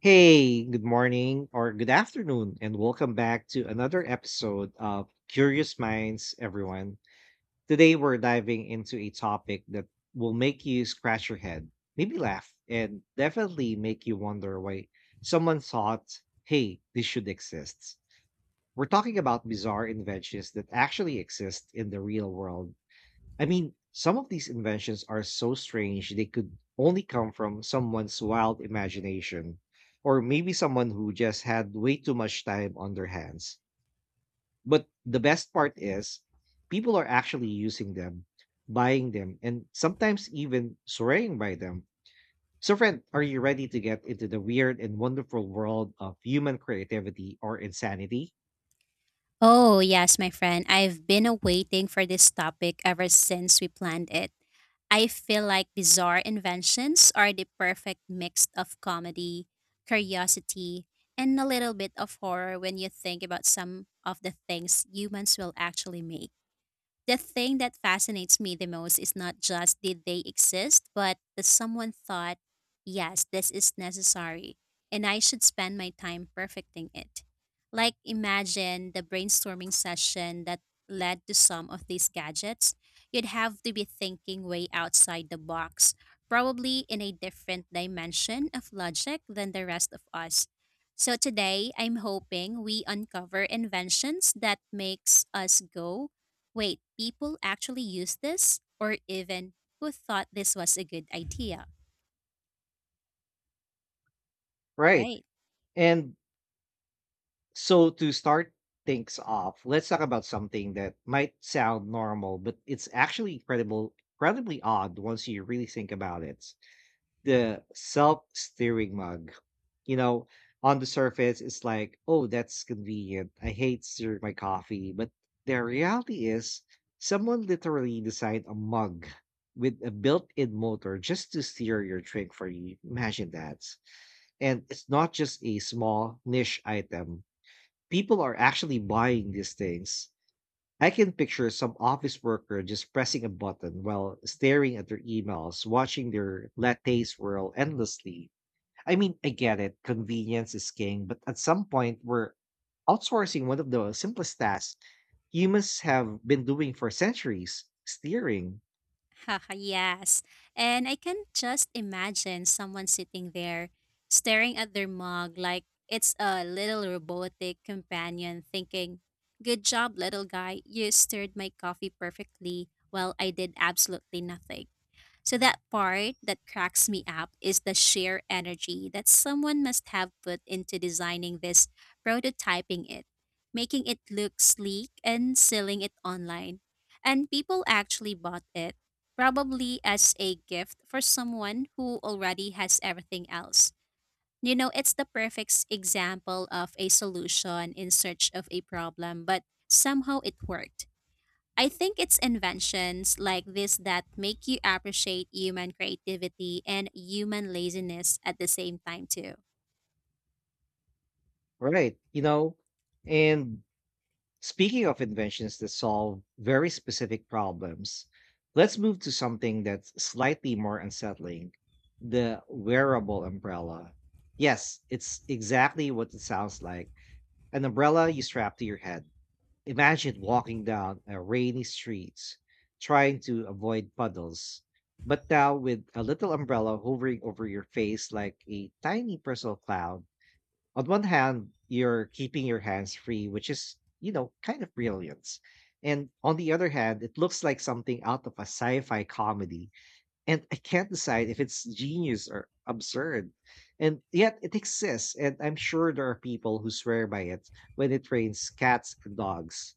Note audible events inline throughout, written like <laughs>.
Hey, good morning or good afternoon, and welcome back to another episode of Curious Minds, everyone. Today, we're diving into a topic that will make you scratch your head, maybe laugh, and definitely make you wonder why someone thought, hey, this should exist. We're talking about bizarre inventions that actually exist in the real world. Some of these inventions are so strange they could only come from someone's wild imagination, or maybe someone who just had way too much time on their hands. But the best part is, people are actually using them, buying them, and sometimes even swearing by them. So, friend, are you ready to get into the weird and wonderful world of human creativity or insanity? Oh, yes, my friend. I've been waiting for this topic ever since we planned it. I feel like bizarre inventions are the perfect mix of comedy, curiosity, and a little bit of horror when you think about some of the things humans will actually make. The thing that fascinates me the most is not just did they exist, but that someone thought, yes, this is necessary, and I should spend my time perfecting it. Like, imagine the brainstorming session that led to some of these gadgets. You'd have to be thinking way outside the box, probably in a different dimension of logic than the rest of us. So today, I'm hoping we uncover inventions that makes us go wait, people actually use this? Or even, who thought this was a good idea? Right. Right? And So to start things off, let's talk about something that might sound normal, but it's actually incredibly odd once you really think about it. The self-steering mug. You know, on the surface, it's like, oh, that's convenient. I hate stirring my coffee. But the reality is, someone literally designed a mug with a built-in motor just to steer your drink for you. Imagine that. And it's not just a small niche item. People are actually buying these things. I can picture some office worker just pressing a button while staring at their emails, watching their latte swirl endlessly. I mean, I get it, convenience is king, but at some point, we're outsourcing one of the simplest tasks humans have been doing for centuries, steering, Haha, yes. And I can just imagine someone sitting there staring at their mug like it's a little robotic companion thinking, good job, little guy. You stirred my coffee perfectly while I did absolutely nothing. So that part that cracks me up is the sheer energy that someone must have put into designing this, prototyping it, making it look sleek and selling it online. And people actually bought it, probably as a gift for someone who already has everything else. It's the perfect example of a solution in search of a problem, but somehow it worked. I think it's inventions like this that make you appreciate human creativity and human laziness at the same time, too. right? And speaking of inventions that solve very specific problems, let's move to something that's slightly more unsettling, the wearable umbrella. Yes, it's exactly what it sounds like, an umbrella you strap to your head. Imagine walking down a rainy street trying to avoid puddles, but now with a little umbrella hovering over your face like a tiny personal cloud. On one hand, you're keeping your hands free, which is, kind of brilliance. And on the other hand, it looks like something out of a sci fi comedy. And I can't decide if it's genius or absurd. And yet it exists. And I'm sure there are people who swear by it when it trains cats and dogs.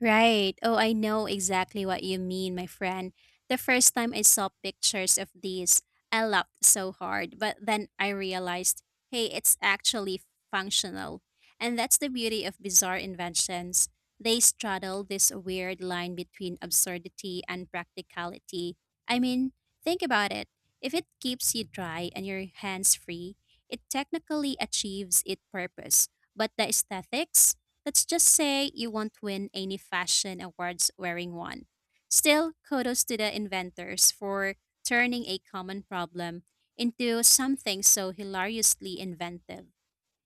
Right. Oh, I know exactly what you mean, my friend. The first time I saw pictures of these, I laughed so hard, but then I realized, hey, it's actually functional. And that's the beauty of bizarre inventions. They straddle this weird line between absurdity and practicality. I mean, think about it. If it keeps you dry and your hands free, it technically achieves its purpose, but the aesthetics, let's just say you won't win any fashion awards wearing one. Still, kudos to the inventors for turning a common problem into something so hilariously inventive.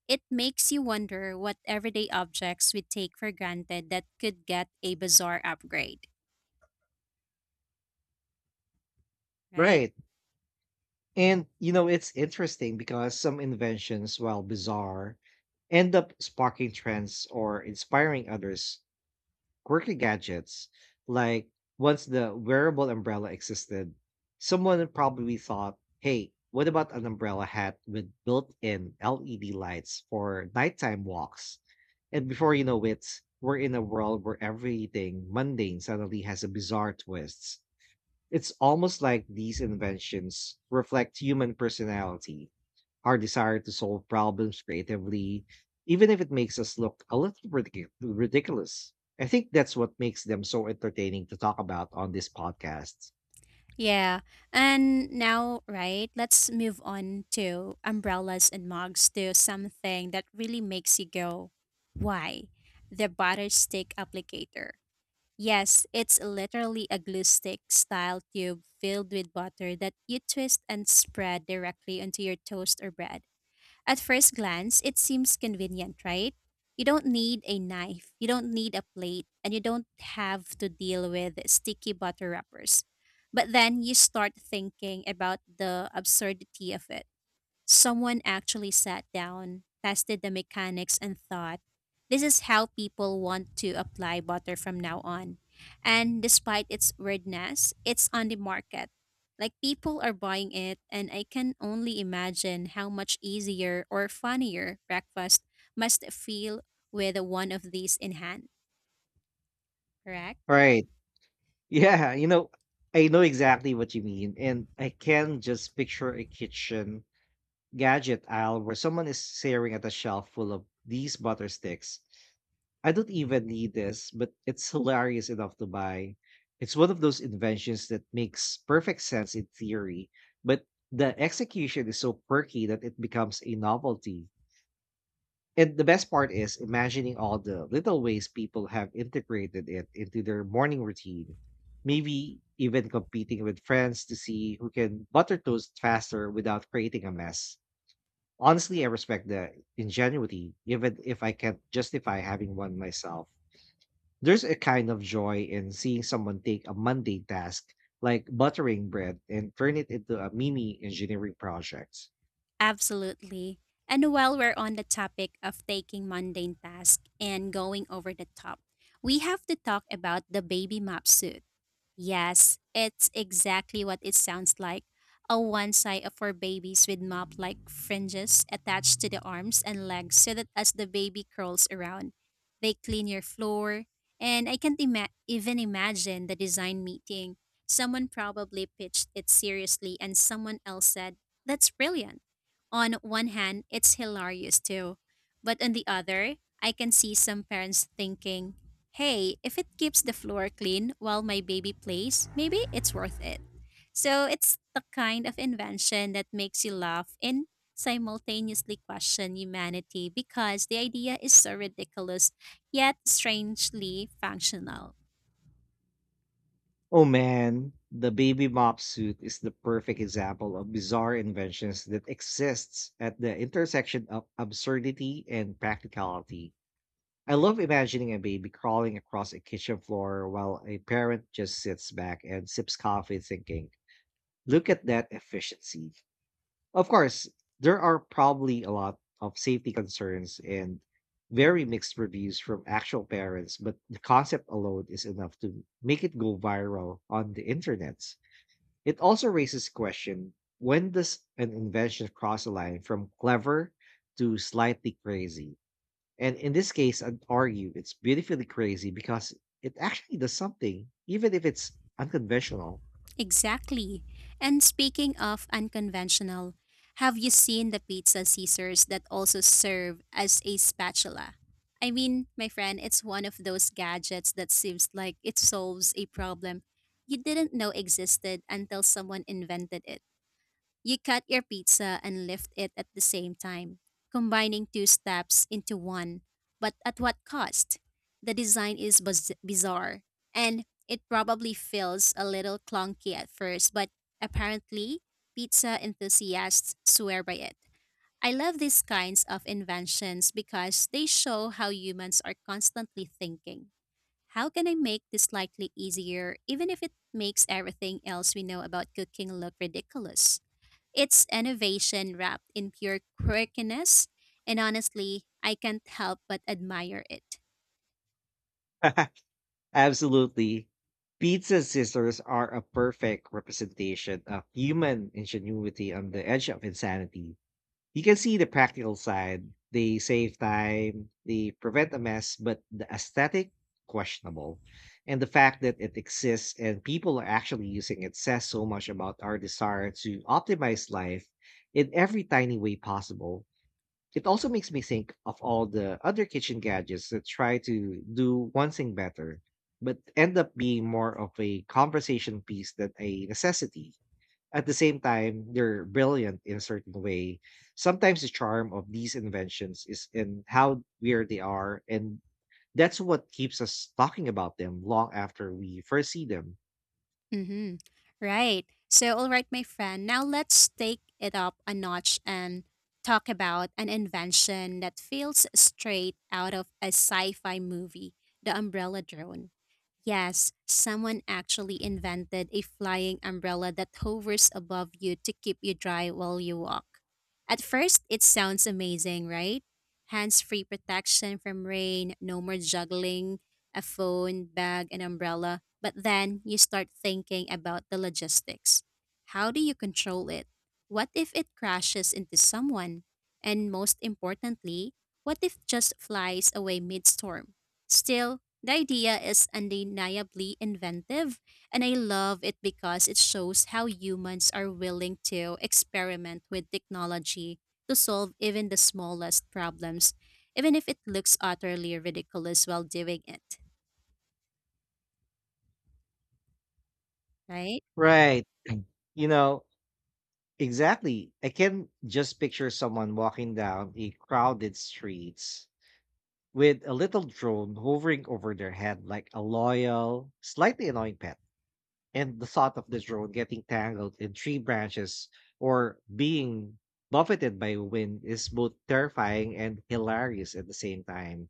It makes you wonder what everyday objects we take for granted that could get a bizarre upgrade, right? Right. It's interesting because some inventions, while bizarre, end up sparking trends or inspiring others' quirky gadgets. Like, once the wearable umbrella existed, someone probably thought, hey, what about an umbrella hat with built in LED lights for nighttime walks? And before you know it, we're in a world where everything mundane suddenly has a bizarre twist. It's almost like these inventions reflect human personality, our desire to solve problems creatively, even if it makes us look a little ridiculous. I think that's what makes them so entertaining to talk about on this podcast. Yeah. And now, right, let's move on to umbrellas and mugs to something that really makes you go, why? The butter stick applicator. Yes, it's literally a glue stick style tube filled with butter that you twist and spread directly onto your toast or bread. At first glance, it seems convenient, right? You don't need a knife, you don't need a plate, and you don't have to deal with sticky butter wrappers. But then you start thinking about the absurdity of it. Someone actually sat down, tested the mechanics, and thought, this is how people want to apply butter from now on. And despite its weirdness, it's on the market. Like, people are buying it, and I can only imagine how much easier or funnier breakfast must feel with one of these in hand, correct? Right. <laughs> Yeah. I know exactly what you mean. And I can just picture a kitchen gadget aisle where someone is staring at a shelf full of these butter sticks. I don't even need this, but it's hilarious enough to buy. It's one of those inventions that makes perfect sense in theory, but the execution is so quirky that it becomes a novelty. And the best part is imagining all the little ways people have integrated it into their morning routine. Maybe even competing with friends to see who can butter toast faster without creating a mess. Honestly, I respect the ingenuity, even if I can't justify having one myself. There's a kind of joy in seeing someone take a mundane task like buttering bread and turn it into a mini engineering project. Absolutely. And while we're on the topic of taking mundane tasks and going over the top, we have to talk about the baby map suit. Yes, it's exactly what it sounds like. A one side for babies with mop like fringes attached to the arms and legs so that as the baby curls around, they clean your floor. And I can't even imagine the design meeting. Someone probably pitched it seriously, and someone else said, that's brilliant. On one hand, it's hilarious too. But on the other, I can see some parents thinking, hey, if it keeps the floor clean while my baby plays, maybe it's worth it. So it's the kind of invention that makes you laugh and simultaneously question humanity because the idea is so ridiculous yet strangely functional. Oh man, the baby mop suit is the perfect example of bizarre inventions that exists at the intersection of absurdity and practicality. I love imagining a baby crawling across a kitchen floor while a parent just sits back and sips coffee thinking, look at that efficiency. Of course, there are probably a lot of safety concerns and very mixed reviews from actual parents, but the concept alone is enough to make it go viral on the internet. It also raises question, when does an invention cross a line from clever to slightly crazy? And in this case, I'd argue it's beautifully crazy because it actually does something, even if it's unconventional. Exactly. And speaking of unconventional, have you seen the pizza scissors that also serve as a spatula? I mean, my friend, it's one of those gadgets that seems like it solves a problem you didn't know existed until someone invented it. You cut your pizza and lift it at the same time, combining two steps into one. But at what cost? The design is bizarre, and it probably feels a little clunky at first, but apparently, pizza enthusiasts swear by it. I love these kinds of inventions because they show how humans are constantly thinking. How can I make this slightly easier, even if it makes everything else we know about cooking look ridiculous? It's innovation wrapped in pure quirkiness, and honestly, I can't help but admire it. <laughs> Absolutely. Pizza scissors are a perfect representation of human ingenuity on the edge of insanity. You can see the practical side. They save time, they prevent a mess, but the aesthetic, questionable. And the fact that it exists and people are actually using it says so much about our desire to optimize life in every tiny way possible. It also makes me think of all the other kitchen gadgets that try to do one thing better, but end up being more of a conversation piece than a necessity. At the same time, they're brilliant in a certain way. Sometimes the charm of these inventions is in how weird they are, and that's what keeps us talking about them long after we first see them. Mm-hmm. Right. So, all right, my friend, now let's take it up a notch and talk about an invention that feels straight out of a sci fi movie, the umbrella drone. Yes, someone actually invented a flying umbrella that hovers above you to keep you dry while you walk. At first, it sounds amazing, right? Hands free protection from rain, no more juggling a phone, bag, and umbrella. But then you start thinking about the logistics. How do you control it? What if it crashes into someone? And most importantly, what if just flies away mid storm? Still, the idea is undeniably inventive, and I love it because it shows how humans are willing to experiment with technology to solve even the smallest problems, even if it looks utterly ridiculous while doing it. Right? Right. You know, exactly. I can just picture someone walking down a crowded street with a little drone hovering over their head like a loyal, slightly annoying pet. And the thought of the drone getting tangled in tree branches or being buffeted by wind is both terrifying and hilarious at the same time.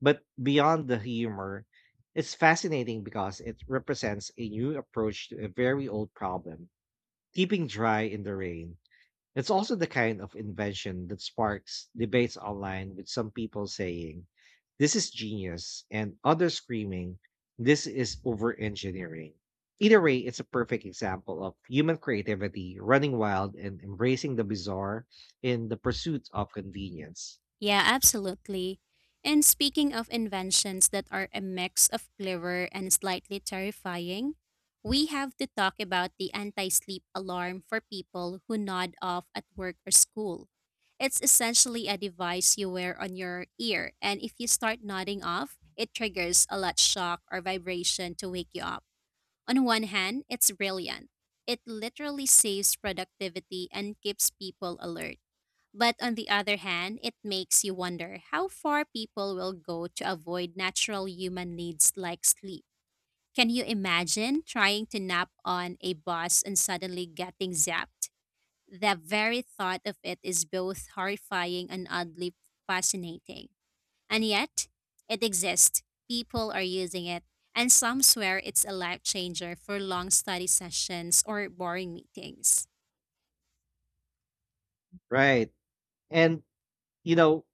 But beyond the humor, it's fascinating because it represents a new approach to a very old problem, keeping dry in the rain. It's also the kind of invention that sparks debates online, with some people saying, this is genius, and others screaming, this is over engineering. Either way, it's a perfect example of human creativity running wild and embracing the bizarre in the pursuit of convenience. Yeah, absolutely. And speaking of inventions that are a mix of clever and slightly terrifying, we have to talk about the anti sleep alarm for people who nod off at work or school. It's essentially a device you wear on your ear, and if you start nodding off, it triggers a light shock or vibration to wake you up. On one hand, it's brilliant. It literally saves productivity and keeps people alert. But on the other hand, it makes you wonder how far people will go to avoid natural human needs like sleep. Can you imagine trying to nap on a bus and suddenly getting zapped? The very thought of it is both horrifying and oddly fascinating. And yet, it exists. People are using it. And some swear it's a life changer for long study sessions or boring meetings. Right. And, you know,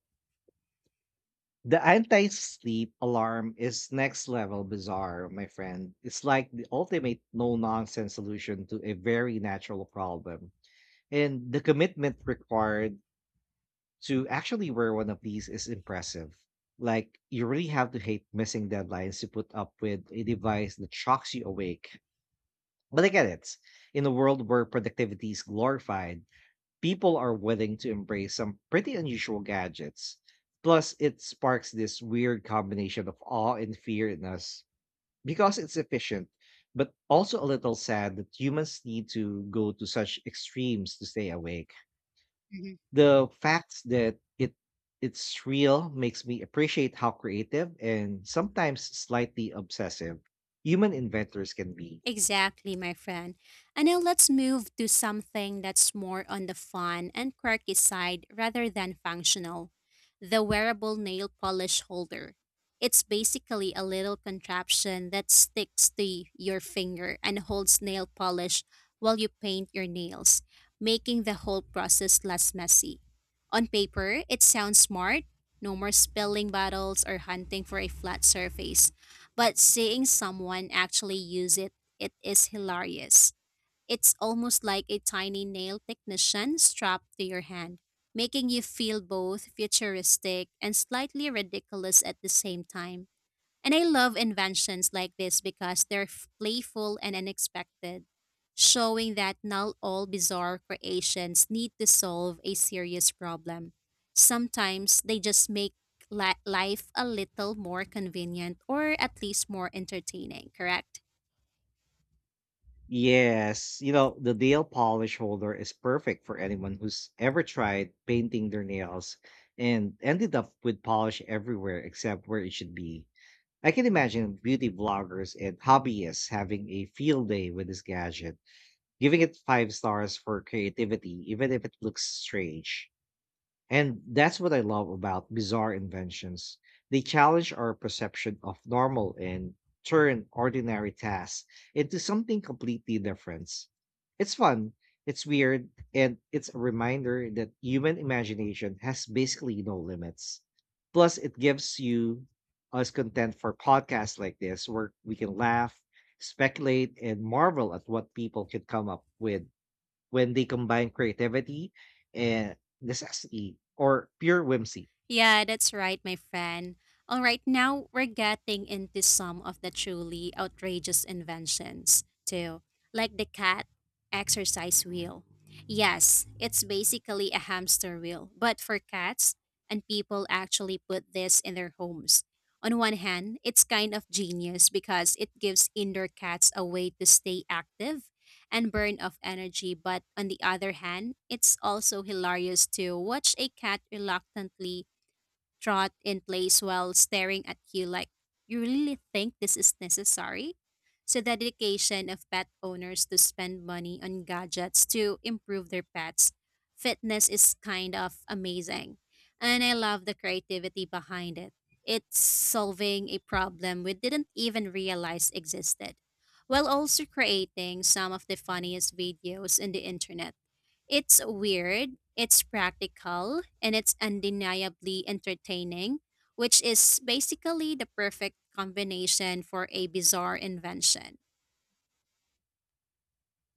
the anti sleep alarm is next level bizarre, my friend. It's like the ultimate no nonsense solution to a very natural problem. And the commitment required to actually wear one of these is impressive. Like, you really have to hate missing deadlines to put up with a device that shocks you awake. But I get it. In a world where productivity is glorified, people are willing to embrace some pretty unusual gadgets. Plus, it sparks this weird combination of awe and fear in us, because it's efficient, but also a little sad that humans need to go to such extremes to stay awake. The fact that it's real makes me appreciate how creative and sometimes slightly obsessive human inventors can be. Exactly, my friend. And now let's move to something that's more on the fun and quirky side rather than functional, the wearable nail polish holder. It's basically a little contraption that sticks to your finger and holds nail polish while you paint your nails, making the whole process less messy. On paper, it sounds smart, no more spilling bottles or hunting for a flat surface, but seeing someone actually use it, it is hilarious. It's almost like a tiny nail technician strapped to your hand, making you feel both futuristic and slightly ridiculous at the same time. And I love inventions like this because they're playful and unexpected, showing that not all bizarre creations need to solve a serious problem. Sometimes they just make life a little more convenient or at least more entertaining, correct? Yes, the nail polish holder is perfect for anyone who's ever tried painting their nails and ended up with polish everywhere except where it should be. I can imagine beauty bloggers and hobbyists having a field day with this gadget, giving it five stars for creativity, even if it looks strange. And that's what I love about bizarre inventions. They challenge our perception of normal and turn ordinary tasks into something completely different. It's fun, it's weird, and it's a reminder that human imagination has basically no limits. Plus, it gives you us content for podcasts like this where we can laugh, speculate, and marvel at what people could come up with when they combine creativity and necessity or pure whimsy. Yeah, that's right, my friend. All right, now we're getting into some of the truly outrageous inventions, too, like the cat exercise wheel. Yes, it's basically a hamster wheel, but for cats, and people actually put this in their homes. On one hand, it's kind of genius because it gives indoor cats a way to stay active and burn off energy, but on the other hand, it's also hilarious to watch a cat reluctantly trot in place while staring at you like, you really think this is necessary? So, the dedication of pet owners to spend money on gadgets to improve their pets' fitness is kind of amazing. And I love the creativity behind it. It's solving a problem we didn't even realize existed, while also creating some of the funniest videos in the internet. It's weird, it's practical, and it's undeniably entertaining, which is basically the perfect combination for a bizarre invention.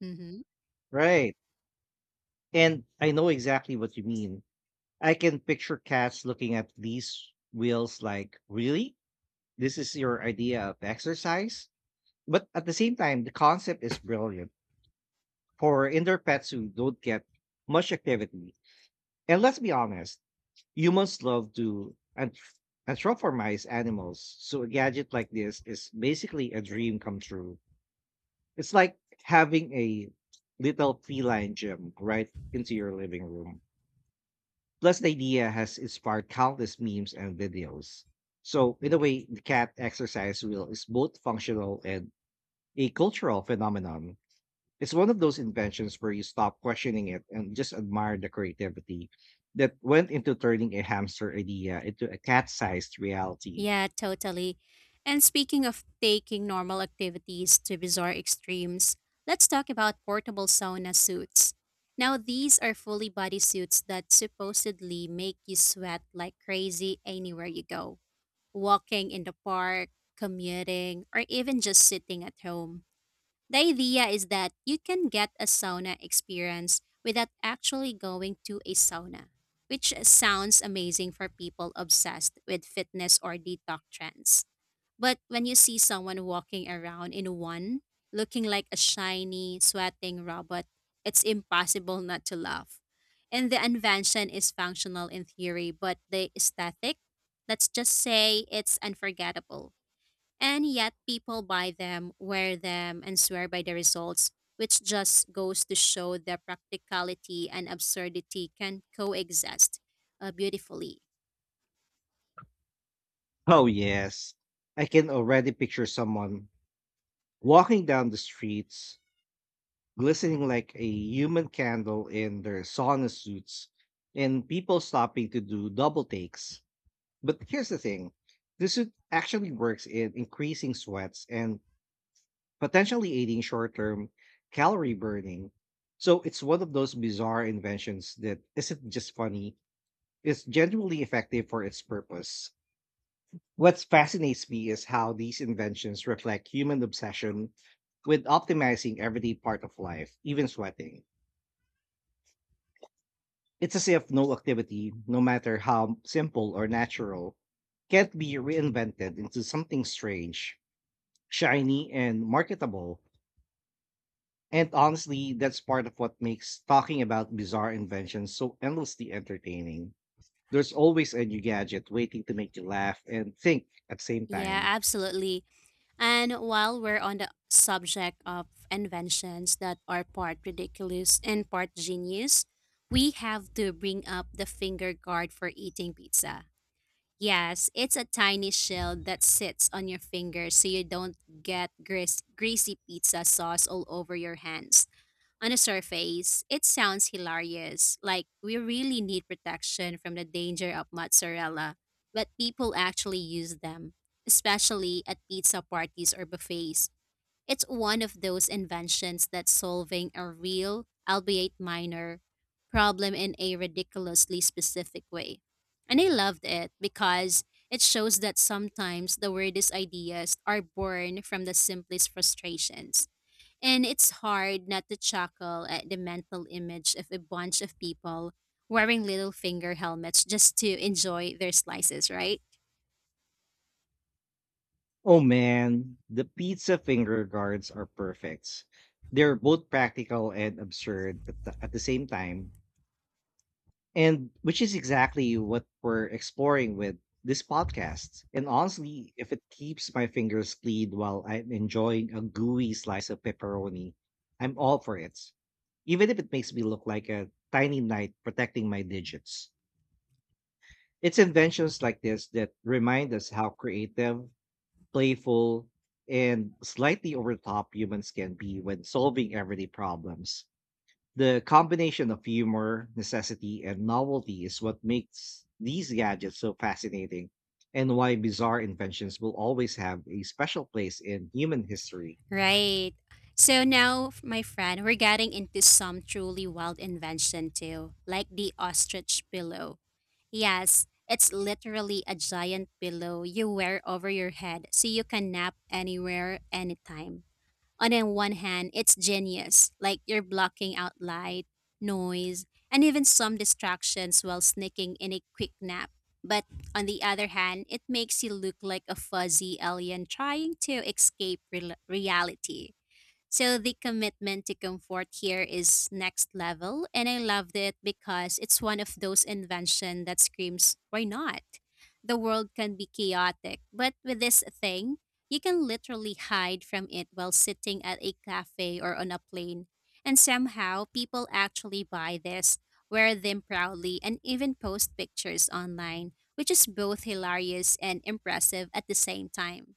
hmm Right. And I know exactly what you mean. I can picture cats looking at these wheels like, really? This is your idea of exercise? But at the same time, the concept is brilliant for indoor pets who don't get much activity. And let's be honest, humans love to and anthropomorphize animals. So a gadget like this is basically a dream come true. It's like having a little feline gym right into your living room. Plus, the idea has inspired countless memes and videos. So, in a way, the cat exercise wheel is both functional and a cultural phenomenon. It's one of those inventions where you stop questioning it and just admire the creativity that went into turning a hamster idea into a cat sized reality. Yeah, totally. And speaking of taking normal activities to bizarre extremes, let's talk about portable sauna suits. Now, these are fully body suits that supposedly make you sweat like crazy anywhere you go, walking in the park, commuting, or even just sitting at home. The idea is that you can get a sauna experience without actually going to a sauna, which sounds amazing for people obsessed with fitness or detox trends. But when you see someone walking around in one, looking like a shiny, sweating robot, it's impossible not to laugh. And the invention is functional in theory, but the aesthetic, let's just say it's unforgettable. And yet people buy them, wear them, and swear by the results, which just goes to show that practicality and absurdity can coexist beautifully. Oh, yes. I can already picture someone walking down the streets glistening like a human candle in their sauna suits, and people stopping to do double takes. But here's the thing, this suit actually works in increasing sweats and potentially aiding short term calorie burning. So it's one of those bizarre inventions that isn't just funny, it's genuinely effective for its purpose. What fascinates me is how these inventions reflect human obsession with optimizing every part of life, even sweating. It's as if no activity, no matter how simple or natural, can't be reinvented into something strange, shiny, and marketable. And honestly, that's part of what makes talking about bizarre inventions so endlessly entertaining. There's always a new gadget waiting to make you laugh and think at the same Yeah, time. absolutely. And while we're on the subject of inventions that are part ridiculous and part genius, we have to bring up the finger guard for eating pizza. Yes, it's a tiny shell that sits on your finger so you don't greasy pizza sauce all over your hands. On a surface, it sounds hilarious, like we really need protection from the danger of mozzarella, but people actually use them, especially at pizza parties or buffets. It's one of those inventions that's solving a real, albeit minor, problem in a ridiculously specific way. And I loved it because it shows that sometimes the weirdest ideas are born from the simplest frustrations. And it's hard not to chuckle at the mental image of a bunch of people wearing little finger helmets just to enjoy their slices, right? Oh man, the pizza finger guards are perfect. They're both practical and absurd at at the same time. And which is exactly what we're exploring with this podcast. And honestly, if it keeps my fingers clean while I'm enjoying a gooey slice of pepperoni, I'm all for it, even if it makes me look like a tiny knight protecting my digits. It's inventions like this that remind us how creative, playful, and slightly over the top humans can be when solving everyday problems. The combination of humor, necessity, and novelty is what makes these gadgets so fascinating and why bizarre inventions will always have a special place in human history. Right. So now, my friend, we're getting into some truly wild invention too, like the ostrich pillow. Yes, it's literally a giant pillow you wear over your head so you can nap anywhere, anytime. On the one hand, it's genius. Like you're blocking out light, noise, and even some distractions while sneaking in a quick nap. But on the other hand, it makes you look like a fuzzy alien trying to escape rel reality. So the commitment to comfort here is next level, and I loved it because it's one of those invention that screams, "Why not?" The world can be chaotic, but with this thing, you can literally hide from it while sitting at a cafe or on a plane. And somehow, people actually buy this, wear them proudly, and even post pictures online, which is both hilarious and impressive at the same time,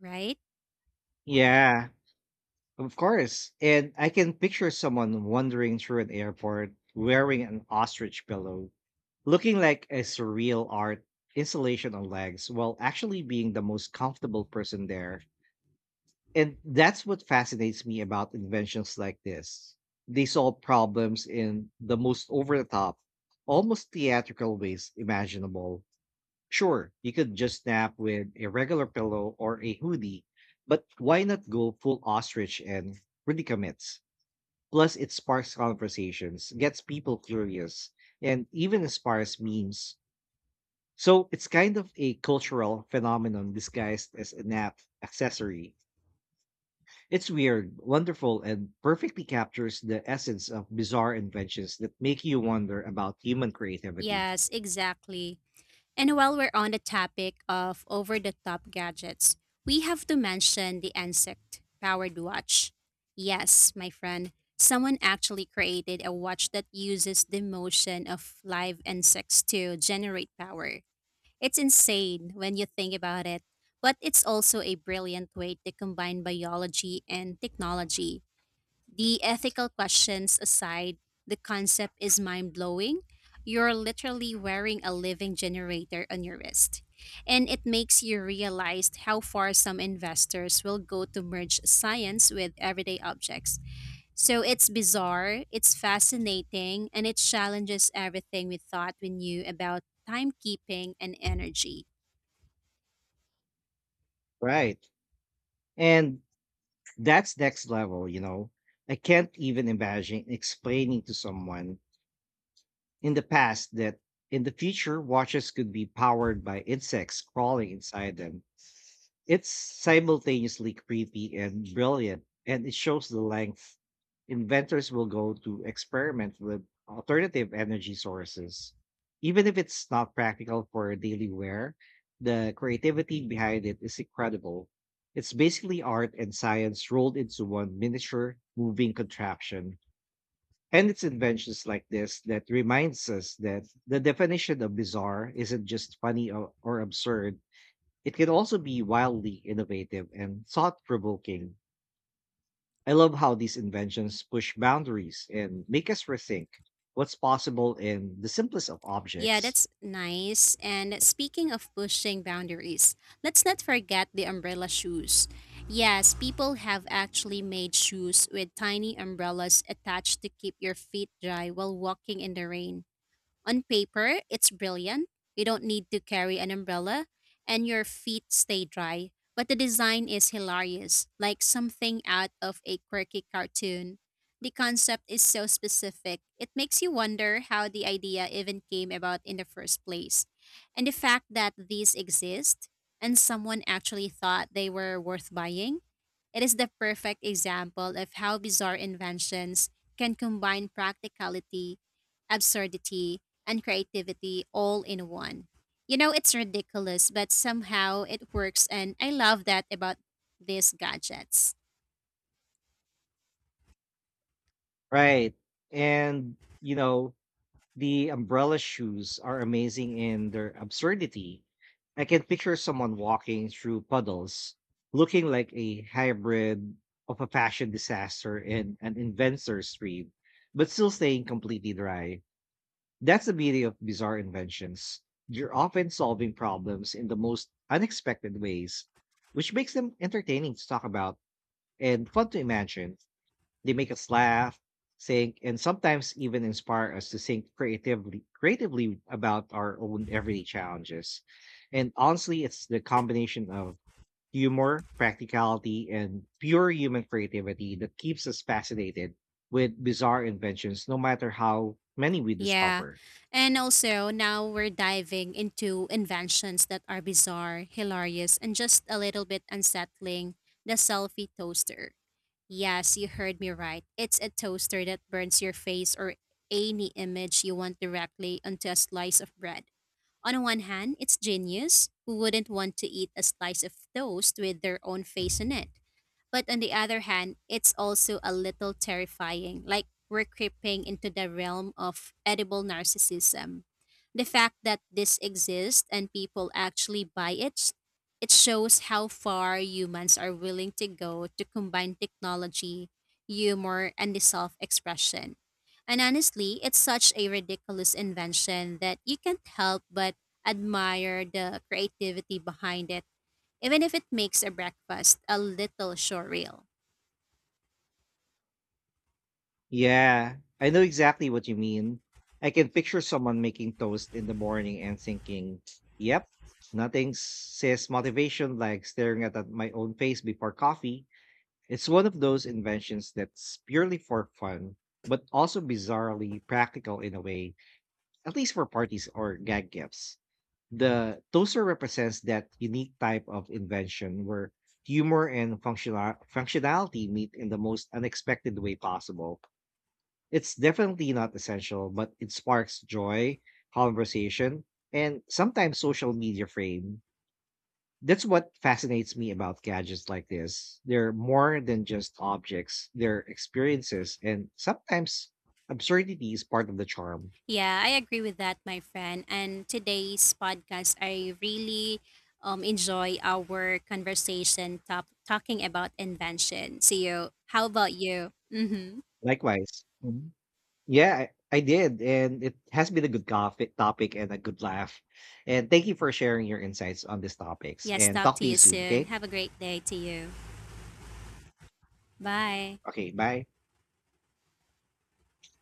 right? Yeah, of course. And I can picture someone wandering through an airport wearing an ostrich pillow, looking like a surreal art installation on legs, while actually being the most comfortable person there. And that's what fascinates me about inventions like this. They solve problems in the most over the top, almost theatrical ways imaginable. Sure, you could just nap with a regular pillow or a hoodie, but why not go full ostrich and really predicaments? Plus, it sparks conversations, gets people curious, and even inspires memes. So it's kind of a cultural phenomenon disguised as an app accessory. It's weird, wonderful, and perfectly captures the essence of bizarre inventions that make you wonder about human creativity. Yes, exactly. And while we're on the topic of over the top gadgets, we have to mention the Insect powered watch. Yes, my friend, someone actually created a watch that uses the motion of live insects to generate power. It's insane when you think about it, but it's also a brilliant way to combine biology and technology. The ethical questions aside, the concept is mind blowing. You're literally wearing a living generator on your wrist. And it makes you realize how far some investors will go to merge science with everyday objects. So it's bizarre, it's fascinating, and it challenges everything we thought we knew about timekeeping and energy. Right. And that's next level, you know. I can't even imagine explaining to someone in the past that in the future watches could be powered by insects crawling inside them. It's simultaneously creepy and brilliant, and it shows the length inventors will go to experiment with alternative energy sources. Even if it's not practical for daily wear, the creativity behind it is incredible. It's basically art and science rolled into one miniature moving contraption. And it's inventions like this that reminds us that the definition of bizarre isn't just funny or absurd. It can also be wildly innovative and thought provoking. I love how these inventions push boundaries and make us rethink what's possible in the simplest of Yeah, objects. that's nice. And speaking of pushing boundaries, let's not forget the umbrella shoes. Yes, people have actually made shoes with tiny umbrellas attached to keep your feet dry while walking in the rain. On paper, it's brilliant. You don't need to carry an umbrella and your feet stay dry. But the design is hilarious, like something out of a quirky cartoon. The concept is so specific, it makes you wonder how the idea even came about in the first place. And the fact that these exist and someone actually thought they were worth buying, it is the perfect example of how bizarre inventions can combine practicality absurdity, and creativity all in one. You know, it's ridiculous, but somehow it works, and I love that about these gadgets. Right. And, you know, the umbrella shoes are amazing in their absurdity. I can picture someone walking through puddles, looking like a hybrid of a fashion disaster and an inventor's dream, but still staying completely dry. That's the beauty of bizarre inventions. You're often solving problems in the most unexpected ways, which makes them entertaining to talk about and fun to imagine. They make us laugh, think, and sometimes even inspire us to think creatively about our own everyday challenges. And honestly, it's the combination of humor, practicality, and pure human creativity that keeps us fascinated with bizarre inventions, no matter how many we Yeah. discover. And also, now we're diving into inventions that are bizarre, hilarious, and just a little bit unsettling the selfie toaster. Yes, you heard me right. It's a toaster that burns your face or any image you want directly onto a slice of bread. On one hand, it's genius. Who wouldn't want to eat a slice of toast with their own face on it? But on the other hand, it's also a little terrifying, like we're creeping into the realm of edible narcissism. The fact that this exists and people actually buy it, it shows how far humans are willing to go to combine technology, humor, and the self expression. And honestly, it's such a ridiculous invention that you can't help but admire the creativity behind it even if it makes a breakfast a little surreal. Yeah, I know exactly what you mean. I can picture someone making toast in the morning and thinking, yep, nothing says motivation like staring at my own face before coffee. It's one of those inventions that's purely for fun, but also bizarrely practical in a way, at least for parties or gag gifts. The toaster represents that unique type of invention where humor and functionality meet in the most unexpected way possible. It's definitely not essential, but it sparks joy, conversation, and sometimes social media frame. That's what fascinates me about gadgets like this. They're more than just objects, they're experiences, and sometimes absurdity is part of the charm. Yeah, I agree with that, my friend. And today's podcast, I really enjoy our talking about invention. See you. How about you? Mm-hmm. Likewise. Mhm. Yeah, I did. And it has been a good topic and a good laugh. And thank you for sharing your insights on these topics. Yes, And talk talk to to you you soon, soon. okay? Have a great day to you. Bye. Okay, bye.